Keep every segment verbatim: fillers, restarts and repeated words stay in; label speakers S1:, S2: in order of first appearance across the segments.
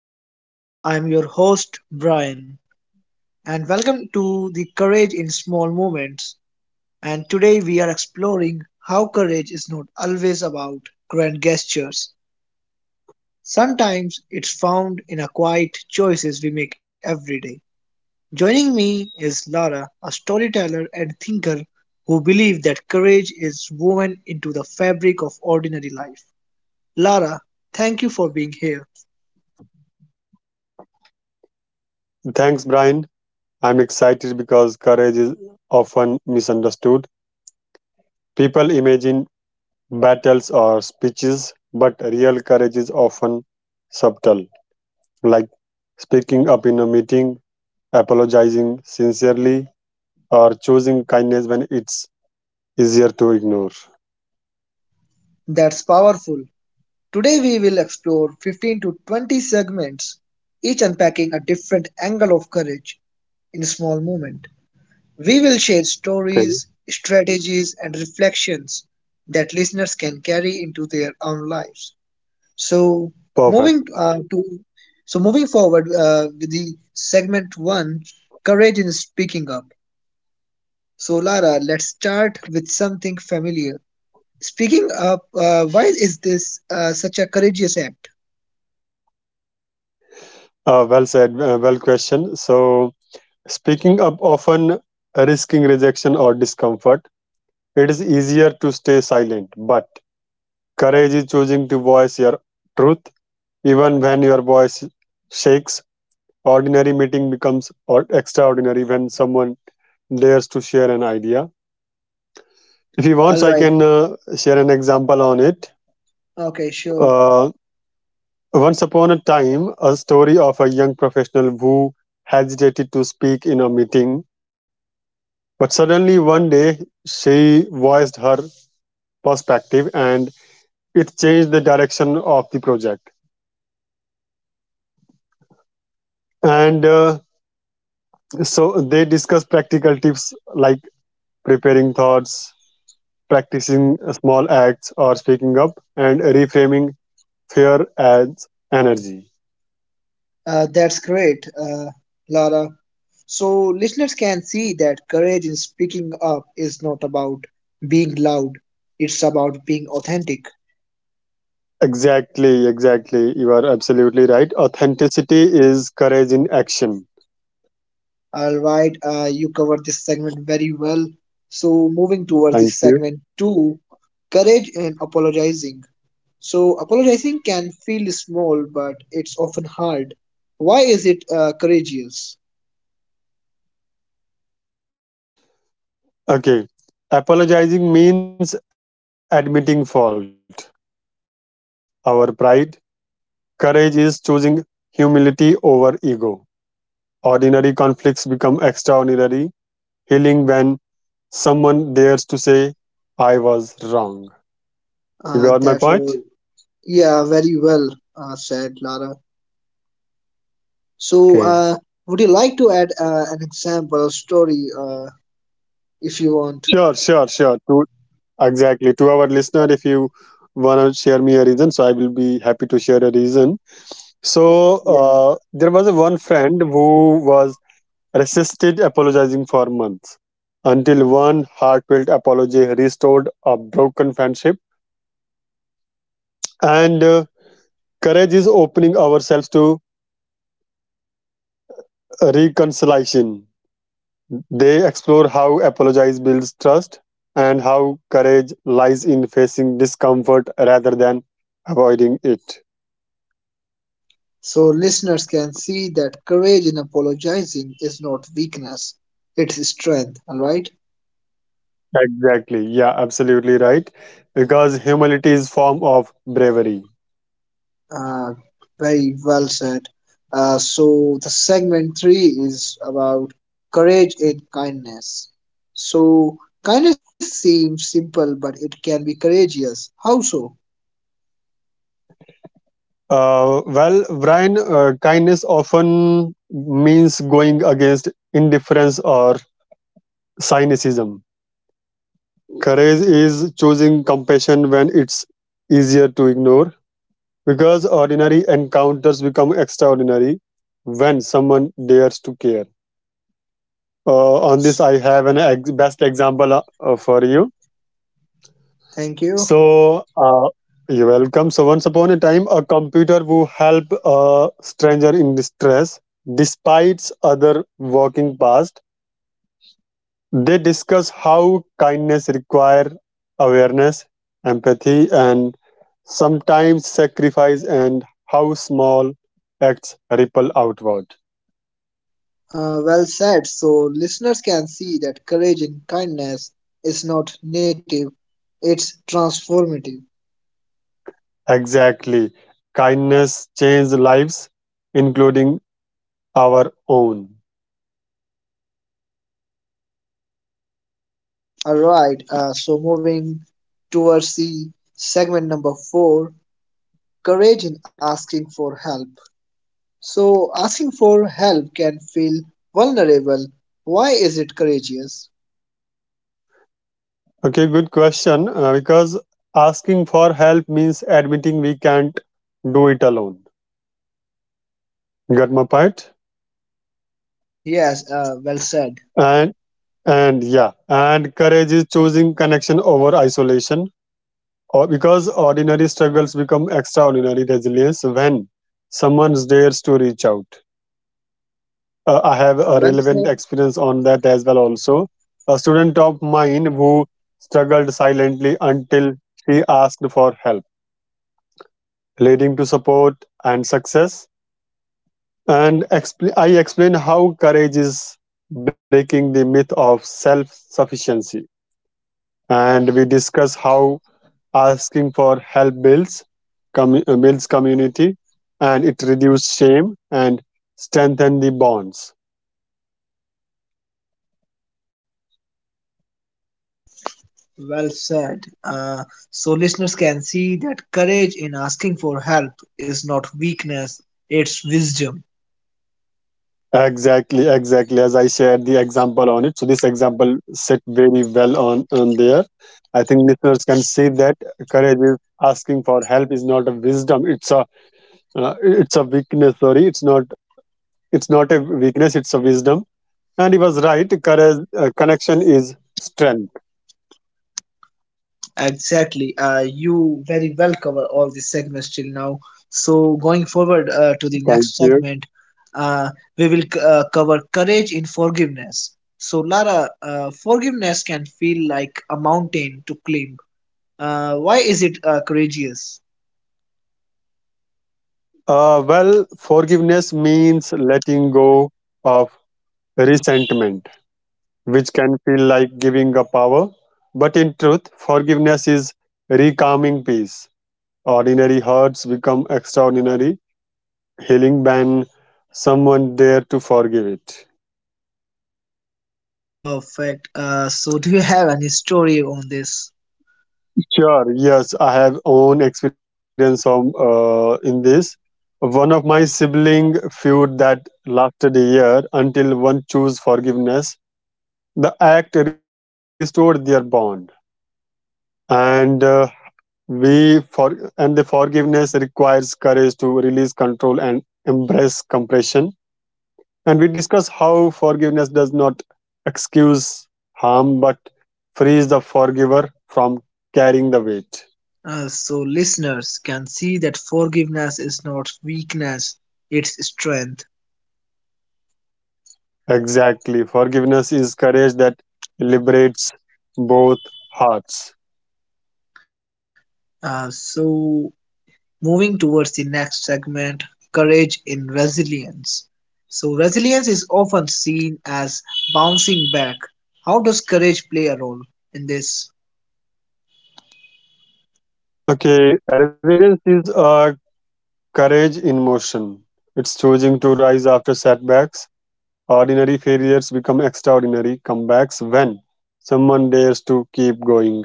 S1: Podcast. I'm your host, Brian, and welcome to the Courage in Small Moments. And today we are exploring how courage is not always about grand gestures. Sometimes it's found in a quiet choices we make every day. Joining me is Lara, a storyteller and thinker who believes that courage is woven into the fabric of ordinary life. Lara, thank you for being here.
S2: Thanks, Brian. I'm excited because courage is often misunderstood. People imagine battles or speeches, but real courage is often subtle, like speaking up in a meeting, apologizing sincerely, or choosing kindness when it's easier to ignore.
S1: That's powerful. Today we will explore fifteen to twenty segments, each unpacking a different angle of courage in a small moment. We will share stories,
S2: Okay,
S1: strategies, and reflections that listeners can carry into their own lives. So, moving
S2: perfect.
S1: uh, to so moving forward uh, with the segment one, courage in speaking up. So, Lara, let's start with something familiar. Speaking up, uh, why is this uh, such a courageous act?
S2: Uh, well said, uh, well question. So, speaking up often risking rejection or discomfort, it is easier to stay silent, but courage is choosing to voice your truth even when your voice shakes. Ordinary meeting becomes or- extraordinary when someone dares to share an idea. If he wants, I
S1: Alright.
S2: can uh, share an example on it.
S1: Okay, sure.
S2: Uh, Once upon a time, a story of a young professional who hesitated to speak in a meeting, but suddenly one day she voiced her perspective and it changed the direction of the project. And uh, So they discuss practical tips like preparing thoughts, practicing small acts or speaking up, and reframing fear as energy.
S1: Uh, that's great, uh, Lara. So listeners can see that courage in speaking up is not about being loud; it's about being authentic.
S2: Exactly, exactly. You are absolutely right. Authenticity is courage in action.
S1: All right, uh, you covered this segment very well. So moving towards this
S2: Thank you.
S1: segment two, courage in apologizing. So apologizing can feel small, but it's often hard. Why is it uh, courageous?
S2: Okay. Apologizing means admitting fault, which challenges our pride. Courage is choosing humility over ego. Ordinary conflicts become extraordinary healing when someone dares to say, I was wrong. You
S1: Uh,
S2: got my
S1: that was
S2: point?
S1: yeah, very well uh, said, Lara. So,
S2: Okay.
S1: uh, would you like to add uh, an example or story uh, if you want?
S2: Sure, sure, sure. To, exactly. To our listener, if you want to share me a reason, so I will be happy to share a reason. So
S1: Yeah.
S2: uh, there was a one friend who was resisted apologizing for months until one heartfelt apology restored a broken friendship. And uh, Courage is opening ourselves to reconciliation. They explore how apologize builds trust and how courage lies in facing discomfort rather than avoiding it.
S1: So, listeners can see that courage in apologizing is not weakness, it's strength. All right.
S2: Exactly. Yeah, absolutely right. Because humility is form of bravery.
S1: Uh, Very well said. Uh, so, the segment three is about courage in kindness. So, kindness seems simple, but it can be courageous. How so?
S2: Uh, well, Brian, uh, kindness often means going against indifference or cynicism. Courage is choosing compassion when it's easier to ignore. Because ordinary encounters become extraordinary when someone dares to care. Uh, on this, I have an ex- best example uh, uh, for you.
S1: Thank you.
S2: So, uh, you're welcome. So, once upon a time, a computer who helped a stranger in distress, despite other walking past, they discuss how kindness require awareness, empathy, and sometimes sacrifice, and how small acts ripple outward.
S1: Uh, well said. So listeners can see that courage in kindness is not native, it's transformative.
S2: Exactly. Kindness changes lives, including our own.
S1: All right. Uh, so moving towards the segment number four, courage in asking for help. So asking for help can feel vulnerable. Why is it courageous?
S2: Okay, good question. Uh, because asking for help means admitting we can't do it alone. Got my point?
S1: Yes. Uh, well said.
S2: And and yeah, and courage is choosing connection over isolation. Or because ordinary struggles become extraordinary resilience when someone dares to reach out. uh, I have
S1: Uh,
S2: a
S1: well
S2: relevant
S1: said.
S2: experience on that as well. Also, a student of mine who struggled silently until she asked for help, leading to support and success. And expl- I explain how courage is breaking the myth of self-sufficiency, and we discuss how asking for help builds commu- uh, builds community, and it reduces shame and strengthen the bonds.
S1: Well said. Uh, so listeners can see that courage in asking for help is not weakness, it's wisdom.
S2: Exactly, exactly. As I shared the example on it, so this example set very well on on there. I think listeners can see that courage is asking for help is not a wisdom. It's a uh, it's a weakness. Sorry, it's not it's not a weakness. It's a wisdom. And he was right. Courage uh, connection is strength.
S1: Exactly. Uh, you very well cover all these segments till now. So going forward uh,
S2: Thank
S1: to the
S2: you.
S1: next segment, uh, we will c- uh, cover courage in forgiveness. So Lara, uh, forgiveness can feel like a mountain to climb. Uh, why is it uh, courageous?
S2: Uh, well, forgiveness means letting go of resentment which can feel like giving up power. But in truth, forgiveness is recalming peace. Ordinary hurts become extraordinary healing when someone dare to forgive it.
S1: Perfect. Uh, so do you have any story on this?
S2: Sure, yes, I have own experience of, uh, in this. One of my sibling feud that lasted a year until one chose forgiveness. The act restored their bond, and uh, We for and the forgiveness requires courage to release control and embrace compassion. And we discuss how forgiveness does not excuse harm but frees the forgiver from carrying the weight.
S1: Uh, so listeners can see that forgiveness is not weakness, it's strength.
S2: Exactly. Forgiveness is courage that liberates both hearts.
S1: Uh, so moving towards the next segment, courage in resilience. So resilience is often seen as bouncing back. How does courage play a role in this?
S2: Okay, resilience is a courage in motion. It's choosing to rise after setbacks. Ordinary failures become extraordinary comebacks when someone dares to keep going.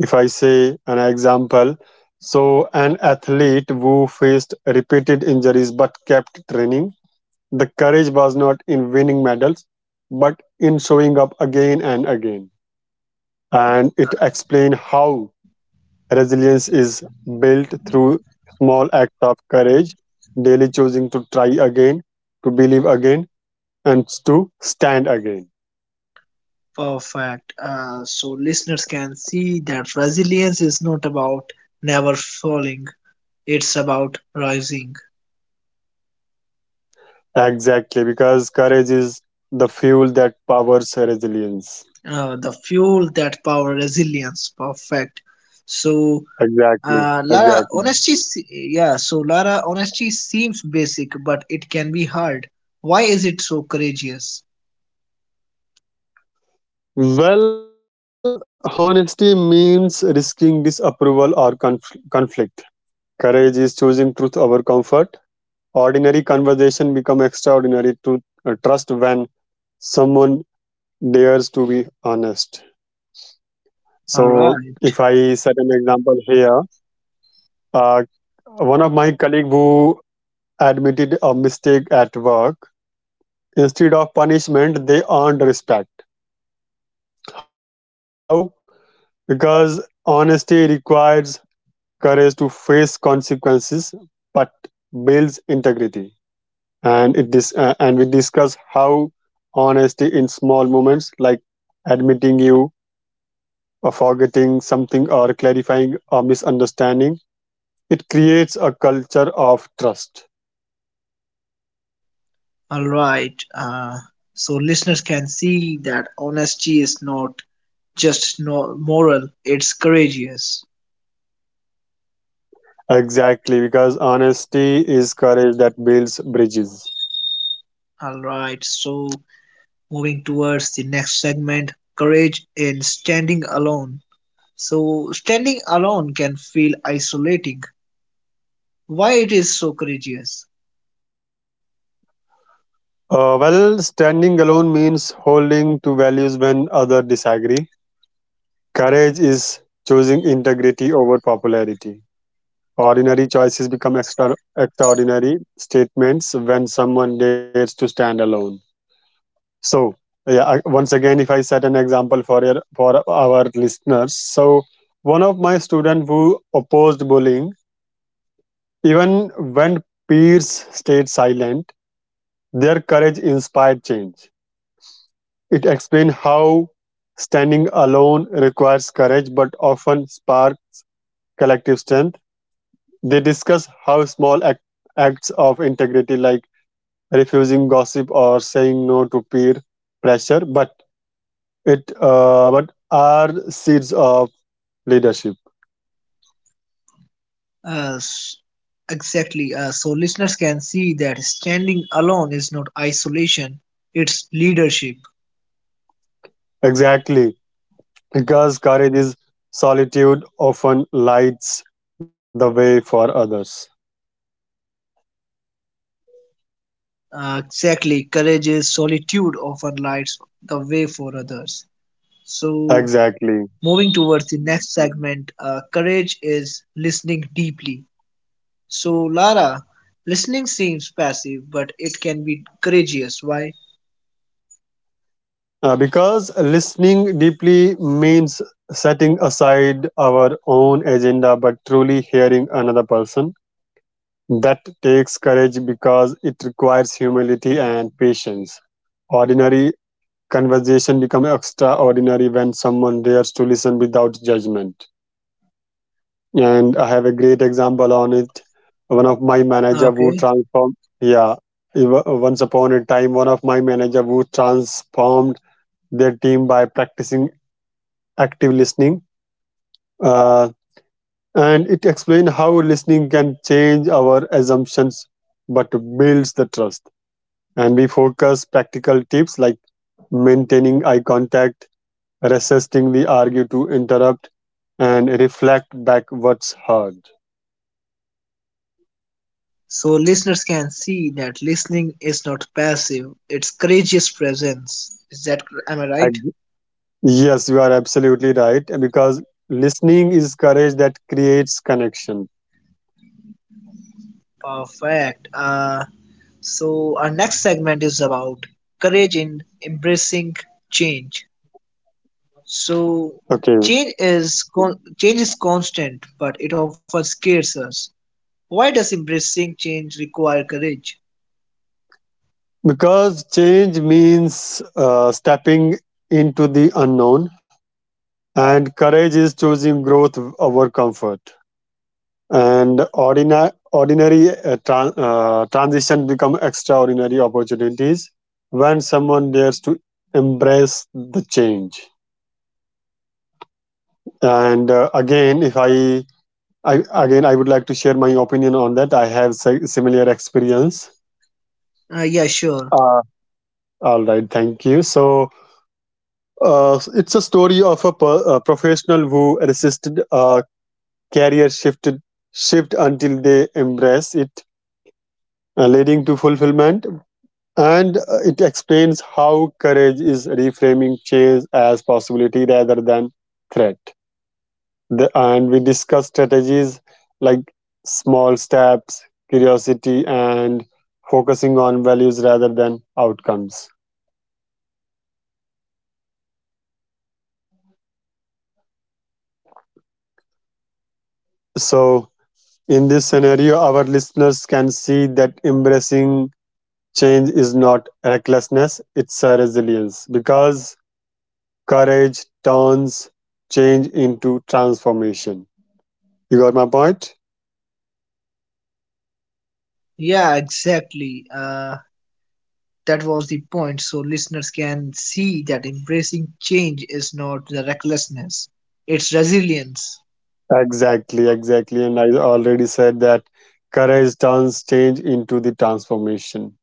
S2: If I say an example, so an athlete who faced repeated injuries but kept training, the courage was not in winning medals but in showing up again and again. And it explains how resilience is built through small acts of courage, daily choosing to try again, to believe again, and to stand again.
S1: Perfect. Uh, so listeners can see that resilience is not about never falling. It's about rising.
S2: Exactly, because courage is the fuel that powers resilience.
S1: uh, the fuel that power resilience. Perfect. So,
S2: Exactly,
S1: uh, Lara,
S2: exactly.
S1: honesty, se- yeah, so Lara, honesty seems basic, but it can be hard. Why is it so courageous?
S2: Well, honesty means risking disapproval or conf- conflict. Courage is choosing truth over comfort. Ordinary conversation become extraordinary to uh, trust when someone dares to be honest.
S1: All
S2: So,
S1: right,
S2: if I set an example here, uh, one of my colleague who admitted a mistake at work. Instead of punishment, they earned respect. How? Because honesty requires courage to face consequences, but builds integrity. And it dis- uh, and we discuss how honesty in small moments, like admitting you, or forgetting something, or clarifying a misunderstanding, it creates a culture of trust.
S1: all right. Uh, so listeners can see that honesty is not just no moral; it's courageous.
S2: Exactly, because honesty is courage that builds bridges.
S1: All right. So moving towards the next segment, courage in standing alone. So standing alone can feel isolating. Why it is so courageous?
S2: Uh, well, standing alone means holding to values when others disagree. Courage is choosing integrity over popularity. Ordinary choices become extra extraordinary statements when someone dares to stand alone. So, yeah, I- once again, if I set an example for your, for our listeners, so one of my students who opposed bullying, even when peers stayed silent, their courage inspired change. It explains how standing alone requires courage but often spark collective strength. They discuss how small act- acts of integrity, like refusing gossip or saying no to peer pressure, but it uh, but are seeds of leadership.
S1: Uh, s- exactly. Uh, so listeners can see that standing alone is not isolation; it's leadership.
S2: Exactly, because courage is solitude, often lights the way for others.
S1: Uh, exactly. Courageous solitude often lights the way for others. So
S2: Exactly.
S1: moving towards the next segment, uh, courage is listening deeply. So Lara, listening seems passive, but it can be courageous. Why?
S2: Uh, because listening deeply means setting aside our own agenda but truly hearing another person. That takes courage because it requires humility and patience. Ordinary conversation become extraordinary when someone dares to listen without judgment. And I have a great example on it. One of my manager who
S1: Okay.
S2: transformed, yeah, ev- Once upon a time, one of my manager who transformed their team by practicing active listening, uh, and it explains how listening can change our assumptions but builds the trust. And we focus practical tips like maintaining eye contact, resisting the argue to interrupt, and reflect back what's heard.
S1: So listeners can see that listening is not passive; it's courageous presence. Is that cor- am I right?
S2: Ag- Yes, you are absolutely right because listening is courage that creates connection.
S1: Perfect. Uh, so our next segment is about courage in embracing change. So
S2: Okay,
S1: change is con- change is constant, but it often scares us. Why does embracing change require courage?
S2: because change means uh, stepping into the unknown. And courage is choosing growth over comfort. And ordinary, ordinary uh, tran- uh, transition become extraordinary opportunities when someone dares to embrace the change. And uh, again, if I, I again, I would like to share my opinion on that. I have si- similar experience.
S1: Uh, yeah, sure.
S2: Uh, all right, thank you. So uh, it's a story of a, per- a professional who resisted a career shifted shift until they embrace it, uh, leading to fulfillment. And uh, It explains how courage is reframing change as possibility rather than threat. The, and we discuss strategies like small steps, curiosity, and focusing on values rather than outcomes. So, in this scenario, our listeners can see that embracing change is not recklessness, it's a resilience because courage turns change into transformation. You got my point?
S1: Yeah, exactly. Uh, that was the point. So listeners can see that embracing change is not the recklessness, it's resilience.
S2: Exactly, exactly. And I already said that courage turns change into the transformation.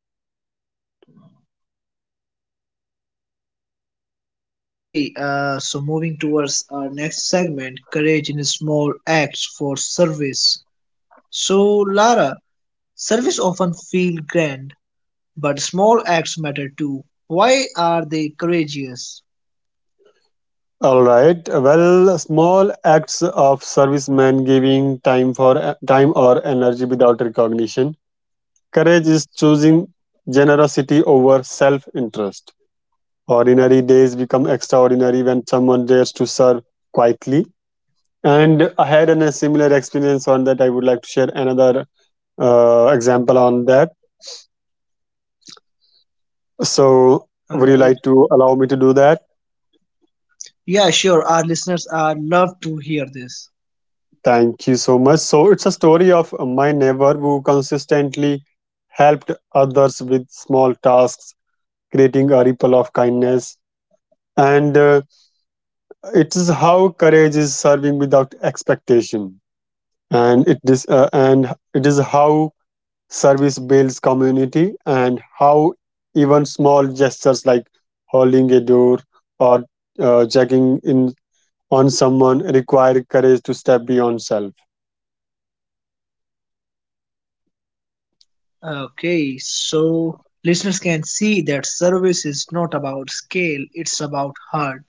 S1: Okay, uh, so moving towards our next segment courage in small acts for service. So, Lara, service often feel grand, but small acts matter too. Why are they courageous?
S2: All right. Well, small acts of servicemen giving time for time or energy without recognition. Courage is choosing generosity over self-interest. Ordinary days become extraordinary when someone dares to serve quietly. And I had an, a similar experience on that. I would like to share another uh, example on that. So,
S1: All
S2: would you
S1: right.
S2: like to allow me to do that?
S1: Yeah, sure. Our listeners are love to hear this.
S2: Thank you so much. So, it's a story of my neighbor who consistently helped others with small tasks, creating a ripple of kindness. And uh, It is how courage is serving without expectation, and it is uh, and it is how service builds community, and how even small gestures like holding a door or uh, checking in on someone require courage to step beyond self.
S1: Okay, so listeners can see that service is not about scale, it's about heart.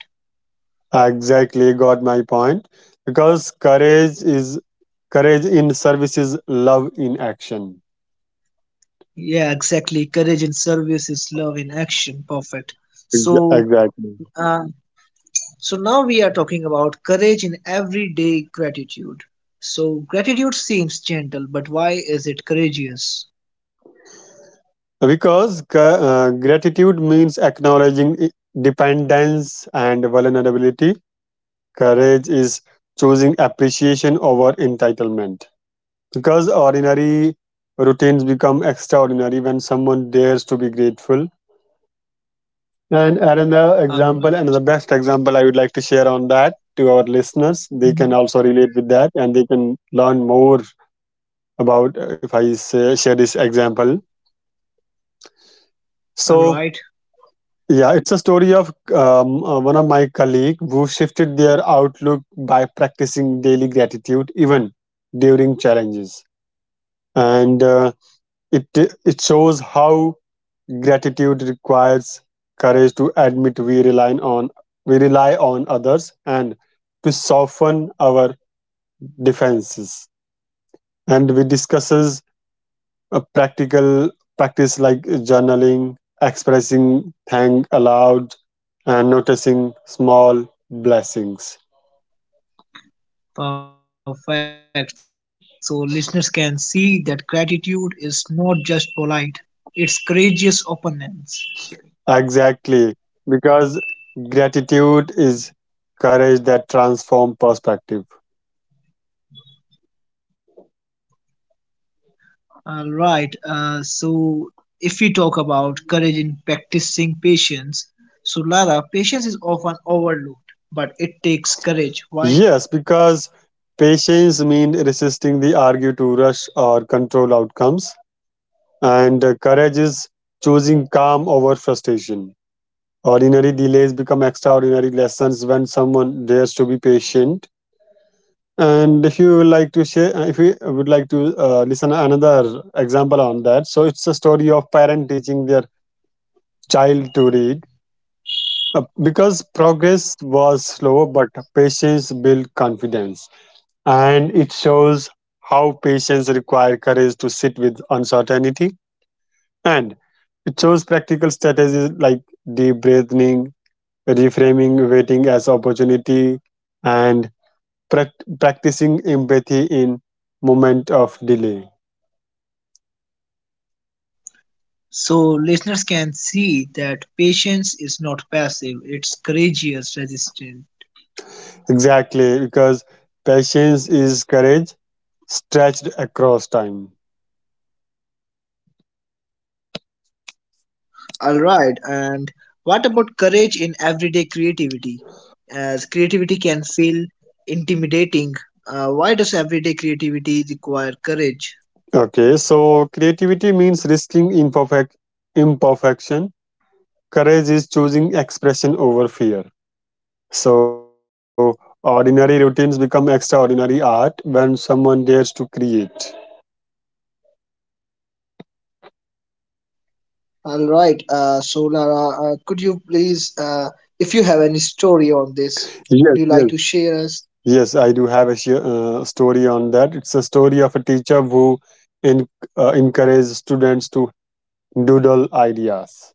S2: Exactly, got my point, because courage is courage in service is love in action.
S1: Yeah, exactly. Courage in service is love in action. Perfect.
S2: Ex-
S1: So,
S2: exactly,
S1: uh, so now we are talking about courage in everyday gratitude. So, gratitude seems gentle, but why is it courageous?
S2: because ca- uh, gratitude means acknowledging i- dependence and vulnerability. Courage is choosing appreciation over entitlement because ordinary routines become extraordinary when someone dares to be grateful. And Aaron, the
S1: All
S2: example,
S1: right.
S2: another best example I would like to share on that to our listeners, they can
S1: Mhm.
S2: also relate with that and they can learn more about, uh, if I say, share this example.
S1: All
S2: So,
S1: right.
S2: yeah, it's a story of um, uh, one of my colleague who shifted their outlook by practicing daily gratitude even during challenges, and uh, it it shows how gratitude requires courage to admit we rely on we rely on others and to soften our defenses. And we discusses a practical practice like journaling, expressing thank aloud, and noticing small blessings.
S1: Perfect. So, listeners can see that gratitude is not just polite; it's courageous openness.
S2: Exactly, because gratitude is courage that transforms perspective.
S1: All right. Uh, so, if we talk about courage in practicing patience, so Lara, patience is often overlooked, but it takes courage. Why?
S2: Yes, because patience means resisting the argue to rush or control outcomes, and uh, courage is choosing calm over frustration. Ordinary delays become extraordinary lessons when someone dares to be patient. And if you would like to share, uh, if you would like to uh, listen another example on that, so it's a story of parent teaching their child to read uh, because progress was slow, but patience built confidence. And it shows how patients require courage to sit with uncertainty, and it shows practical strategies like deep breathing, reframing waiting as opportunity, and prac practicing empathy in moment of delay.
S1: So, listeners can see that patience is not passive, it's courageous resistance.
S2: Exactly, because patience is courage stretched across time.
S1: All right. And what about courage in everyday creativity? As creativity can feel intimidating, uh, why does everyday creativity require courage?
S2: Okay, so creativity means risking imperfect imperfection. Courage is choosing expression over fear. So, ordinary routines become extraordinary art when someone dares to create.
S1: All right. Uh, so, Lara, uh, could you please, uh, if you have any story on this,
S2: Yes,
S1: would you
S2: yes.
S1: like to share us?
S2: Yes, I do have a share, uh, story on that. It's a story of a teacher who in, uh, encouraged students to doodle ideas,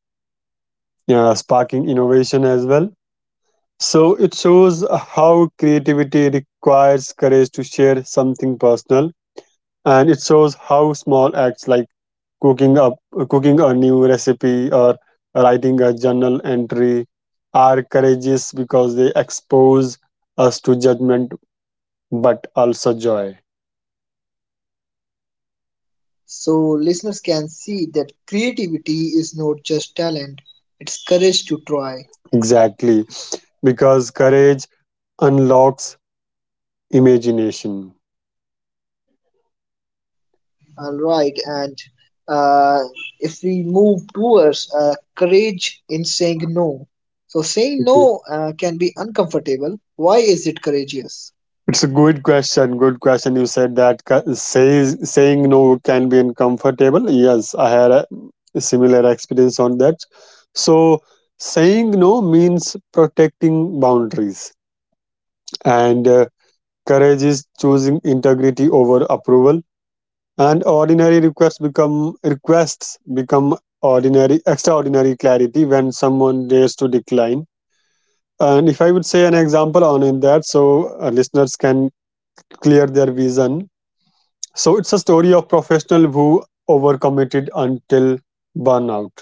S2: uh, sparking innovation as well. So, it shows how creativity requires courage to share something personal, and it shows how small acts like cooking up cooking a new recipe or writing a journal entry are courageous because they expose us to judgment but also joy.
S1: So listeners can see that creativity is not just talent, it's courage to try.
S2: Exactly, because courage unlocks imagination.
S1: All right. And uh, if we move towards uh, courage in saying no, so saying
S2: Mhm.
S1: no uh, can be uncomfortable. Why is it courageous?
S2: It's a good question good question You said that ca- says, saying no can be uncomfortable. Yes, I had a similar experience on that. So saying no means protecting boundaries, and uh, courage is choosing integrity over approval, and ordinary requests become requests become ordinary extraordinary clarity when someone dares to decline. And if I would say an example on in that, so uh, listeners can clear their vision. So it's a story of professional who overcommitted until burnout,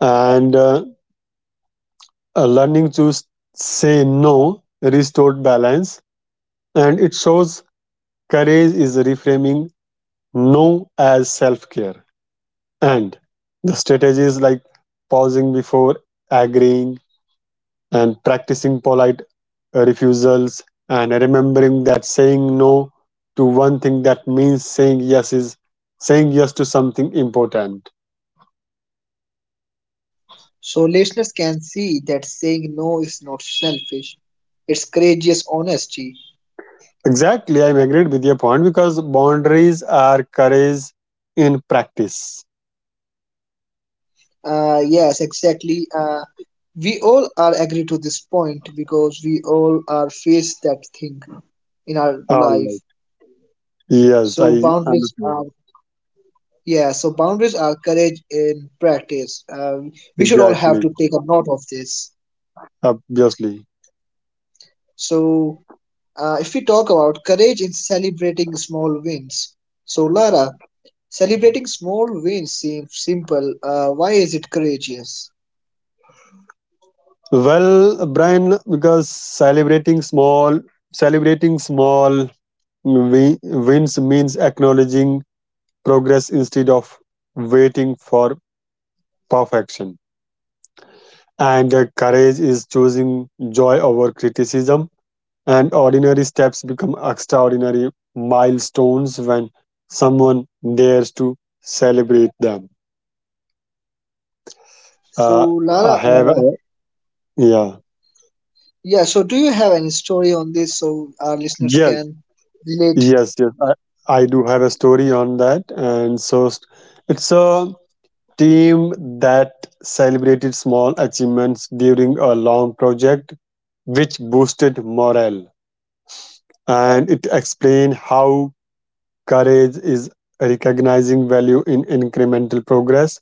S2: and uh, uh, learning to s- say no restored balance, and it shows courage is reframing no as self care. And the strategies like pausing before agreeing and practicing polite uh, refusals, and remembering that saying no to one thing that means saying yes is saying yes to something important.
S1: So listeners can see that saying no is not selfish. It's courageous honesty.
S2: Exactly, I'm agreed with your point because boundaries are courage in practice.
S1: Uh, yes, exactly. Uh, we all are agree to this point because we all are face that thing in our
S2: All right.
S1: life.
S2: Yes, I
S1: So boundaries
S2: understand.
S1: are yeah. So boundaries are courage in practice. Uh, we should all have to
S2: Exactly.
S1: take a note of this.
S2: Obviously.
S1: So uh, if we talk about courage in celebrating small wins, so Lara, celebrating small wins seems simple. Uh, why is it courageous?
S2: Well, Brian, because celebrating small, celebrating small wi- wins means acknowledging progress instead of waiting for perfection. And uh, courage is choosing joy over criticism. And ordinary steps become extraordinary milestones when someone dares to celebrate them. Uh,
S1: So, Lara,
S2: I have,
S1: uh,
S2: yeah.
S1: yeah, so do you have any story on this so our listeners
S2: Yes,
S1: can relate?
S2: Yes, yes, I, I do have a story on that, and so s- it's a team that celebrated small achievements during a long project, which boosted morale. And it explained how courage is recognizing value in incremental progress,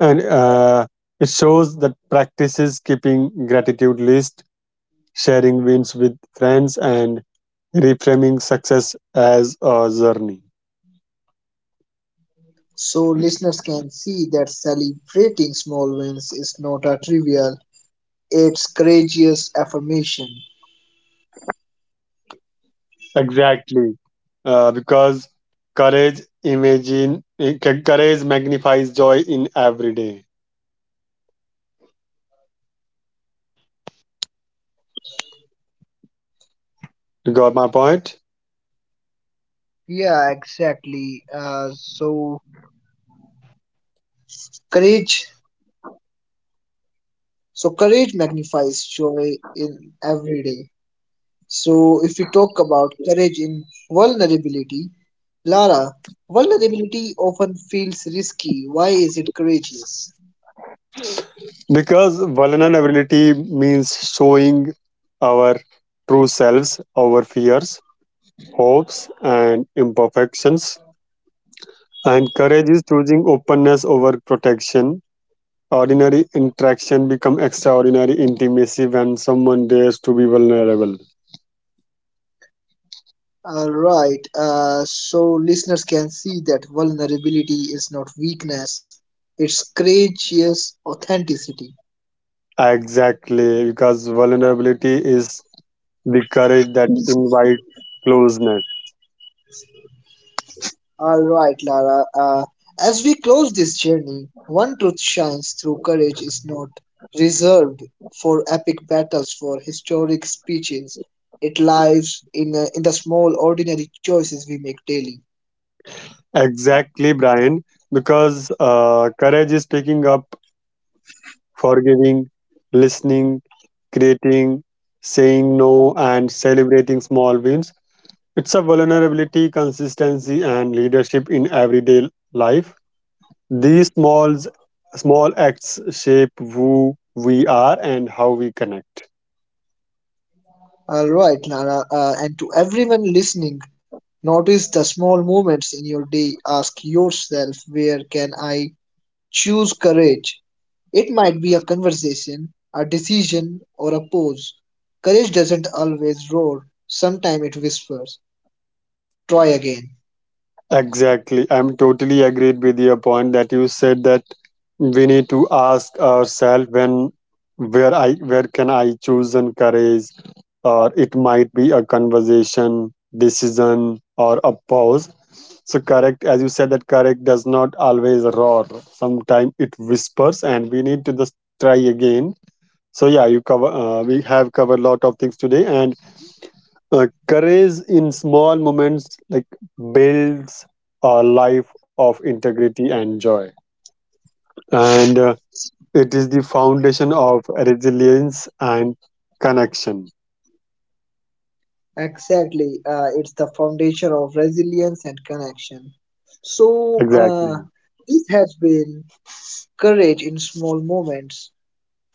S2: and uh, it shows that practices keeping gratitude list, sharing wins with friends, and reframing success as a journey.
S1: So, listeners can see that celebrating small wins is not a trivial, it's courageous affirmation.
S2: Exactly. Uh, because courage imagine eh, c- courage magnifies joy in every day. You got my point?
S1: So courage magnifies joy in every day. So if we talk about courage in vulnerability, Lara, vulnerability often feels risky. Why is it courageous?
S2: Because vulnerability means showing our true selves, our fears, hopes, and imperfections. And courage is choosing openness over protection. Ordinary interaction become extraordinary intimacy when someone dares to be vulnerable.
S1: All right. Uh, so listeners can see that vulnerability is not weakness; it's courageous authenticity.
S2: Exactly, because vulnerability is the courage that invites closeness.
S1: All right, Lara. Uh, as we close this journey, one truth shines through courage is not reserved for epic battles, for historic speeches. It lies in, uh, in the small, ordinary choices we make daily.
S2: Exactly, Brian, because uh, courage is taking up, forgiving, listening, creating, saying no, and celebrating small wins. It's a vulnerability, consistency, and leadership in everyday life. These small small acts shape who we are and how we connect.
S1: All right, Lara. Uh, and to everyone listening, notice the small moments in your day. Ask yourself, where can I choose courage? It might be a conversation, a decision, or a pose. Courage doesn't always roar, sometimes it whispers, try again.
S2: Exactly. I'm totally agreed with your point that you said that we need to ask ourselves when where I where can I choose and courage, or it might be a conversation, decision or a pause. So correct as you said that correct does not always roar. Sometimes it whispers and we need to just try again. So yeah, you cover uh, we have covered a lot of things today, and uh, courage in small moments like builds a life of integrity and joy, and uh, it is the foundation of resilience and connection.
S1: Exactly. Uh, it's the foundation of resilience and connection. So, uh,
S2: Exactly.
S1: this has been Courage in Small Moments.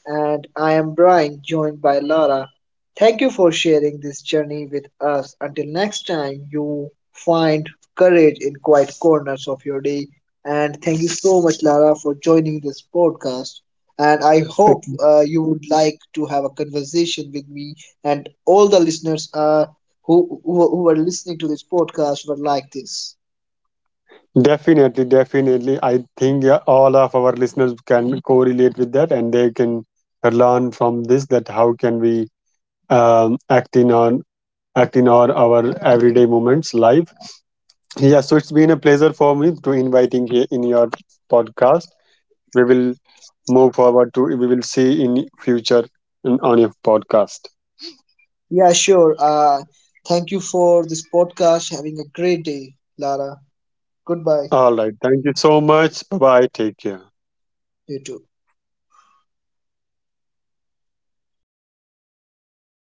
S1: And I am Brian, joined by Lara. Thank you for sharing this journey with us. Until next time, you find courage in quiet corners of your day. And thank you so much, Lara, for joining this podcast. And I hope
S2: It-
S1: uh, you would like to have a conversation with me and all the listeners uh, who, who who are listening to this podcast were like this.
S2: Definitely, definitely. I think yeah, all of our listeners can correlate with that, and they can learn from this that how can we um, act in on act in our, our everyday moments life. Yeah, so it's been a pleasure for me to inviting here in your podcast. We will move forward to We will see in future in- on your podcast.
S1: Yeah, sure. Uh, thank you for this podcast. Having a great day, Lara. Goodbye,
S2: All right. Thank you so much. Bye bye. Take care.
S1: you too.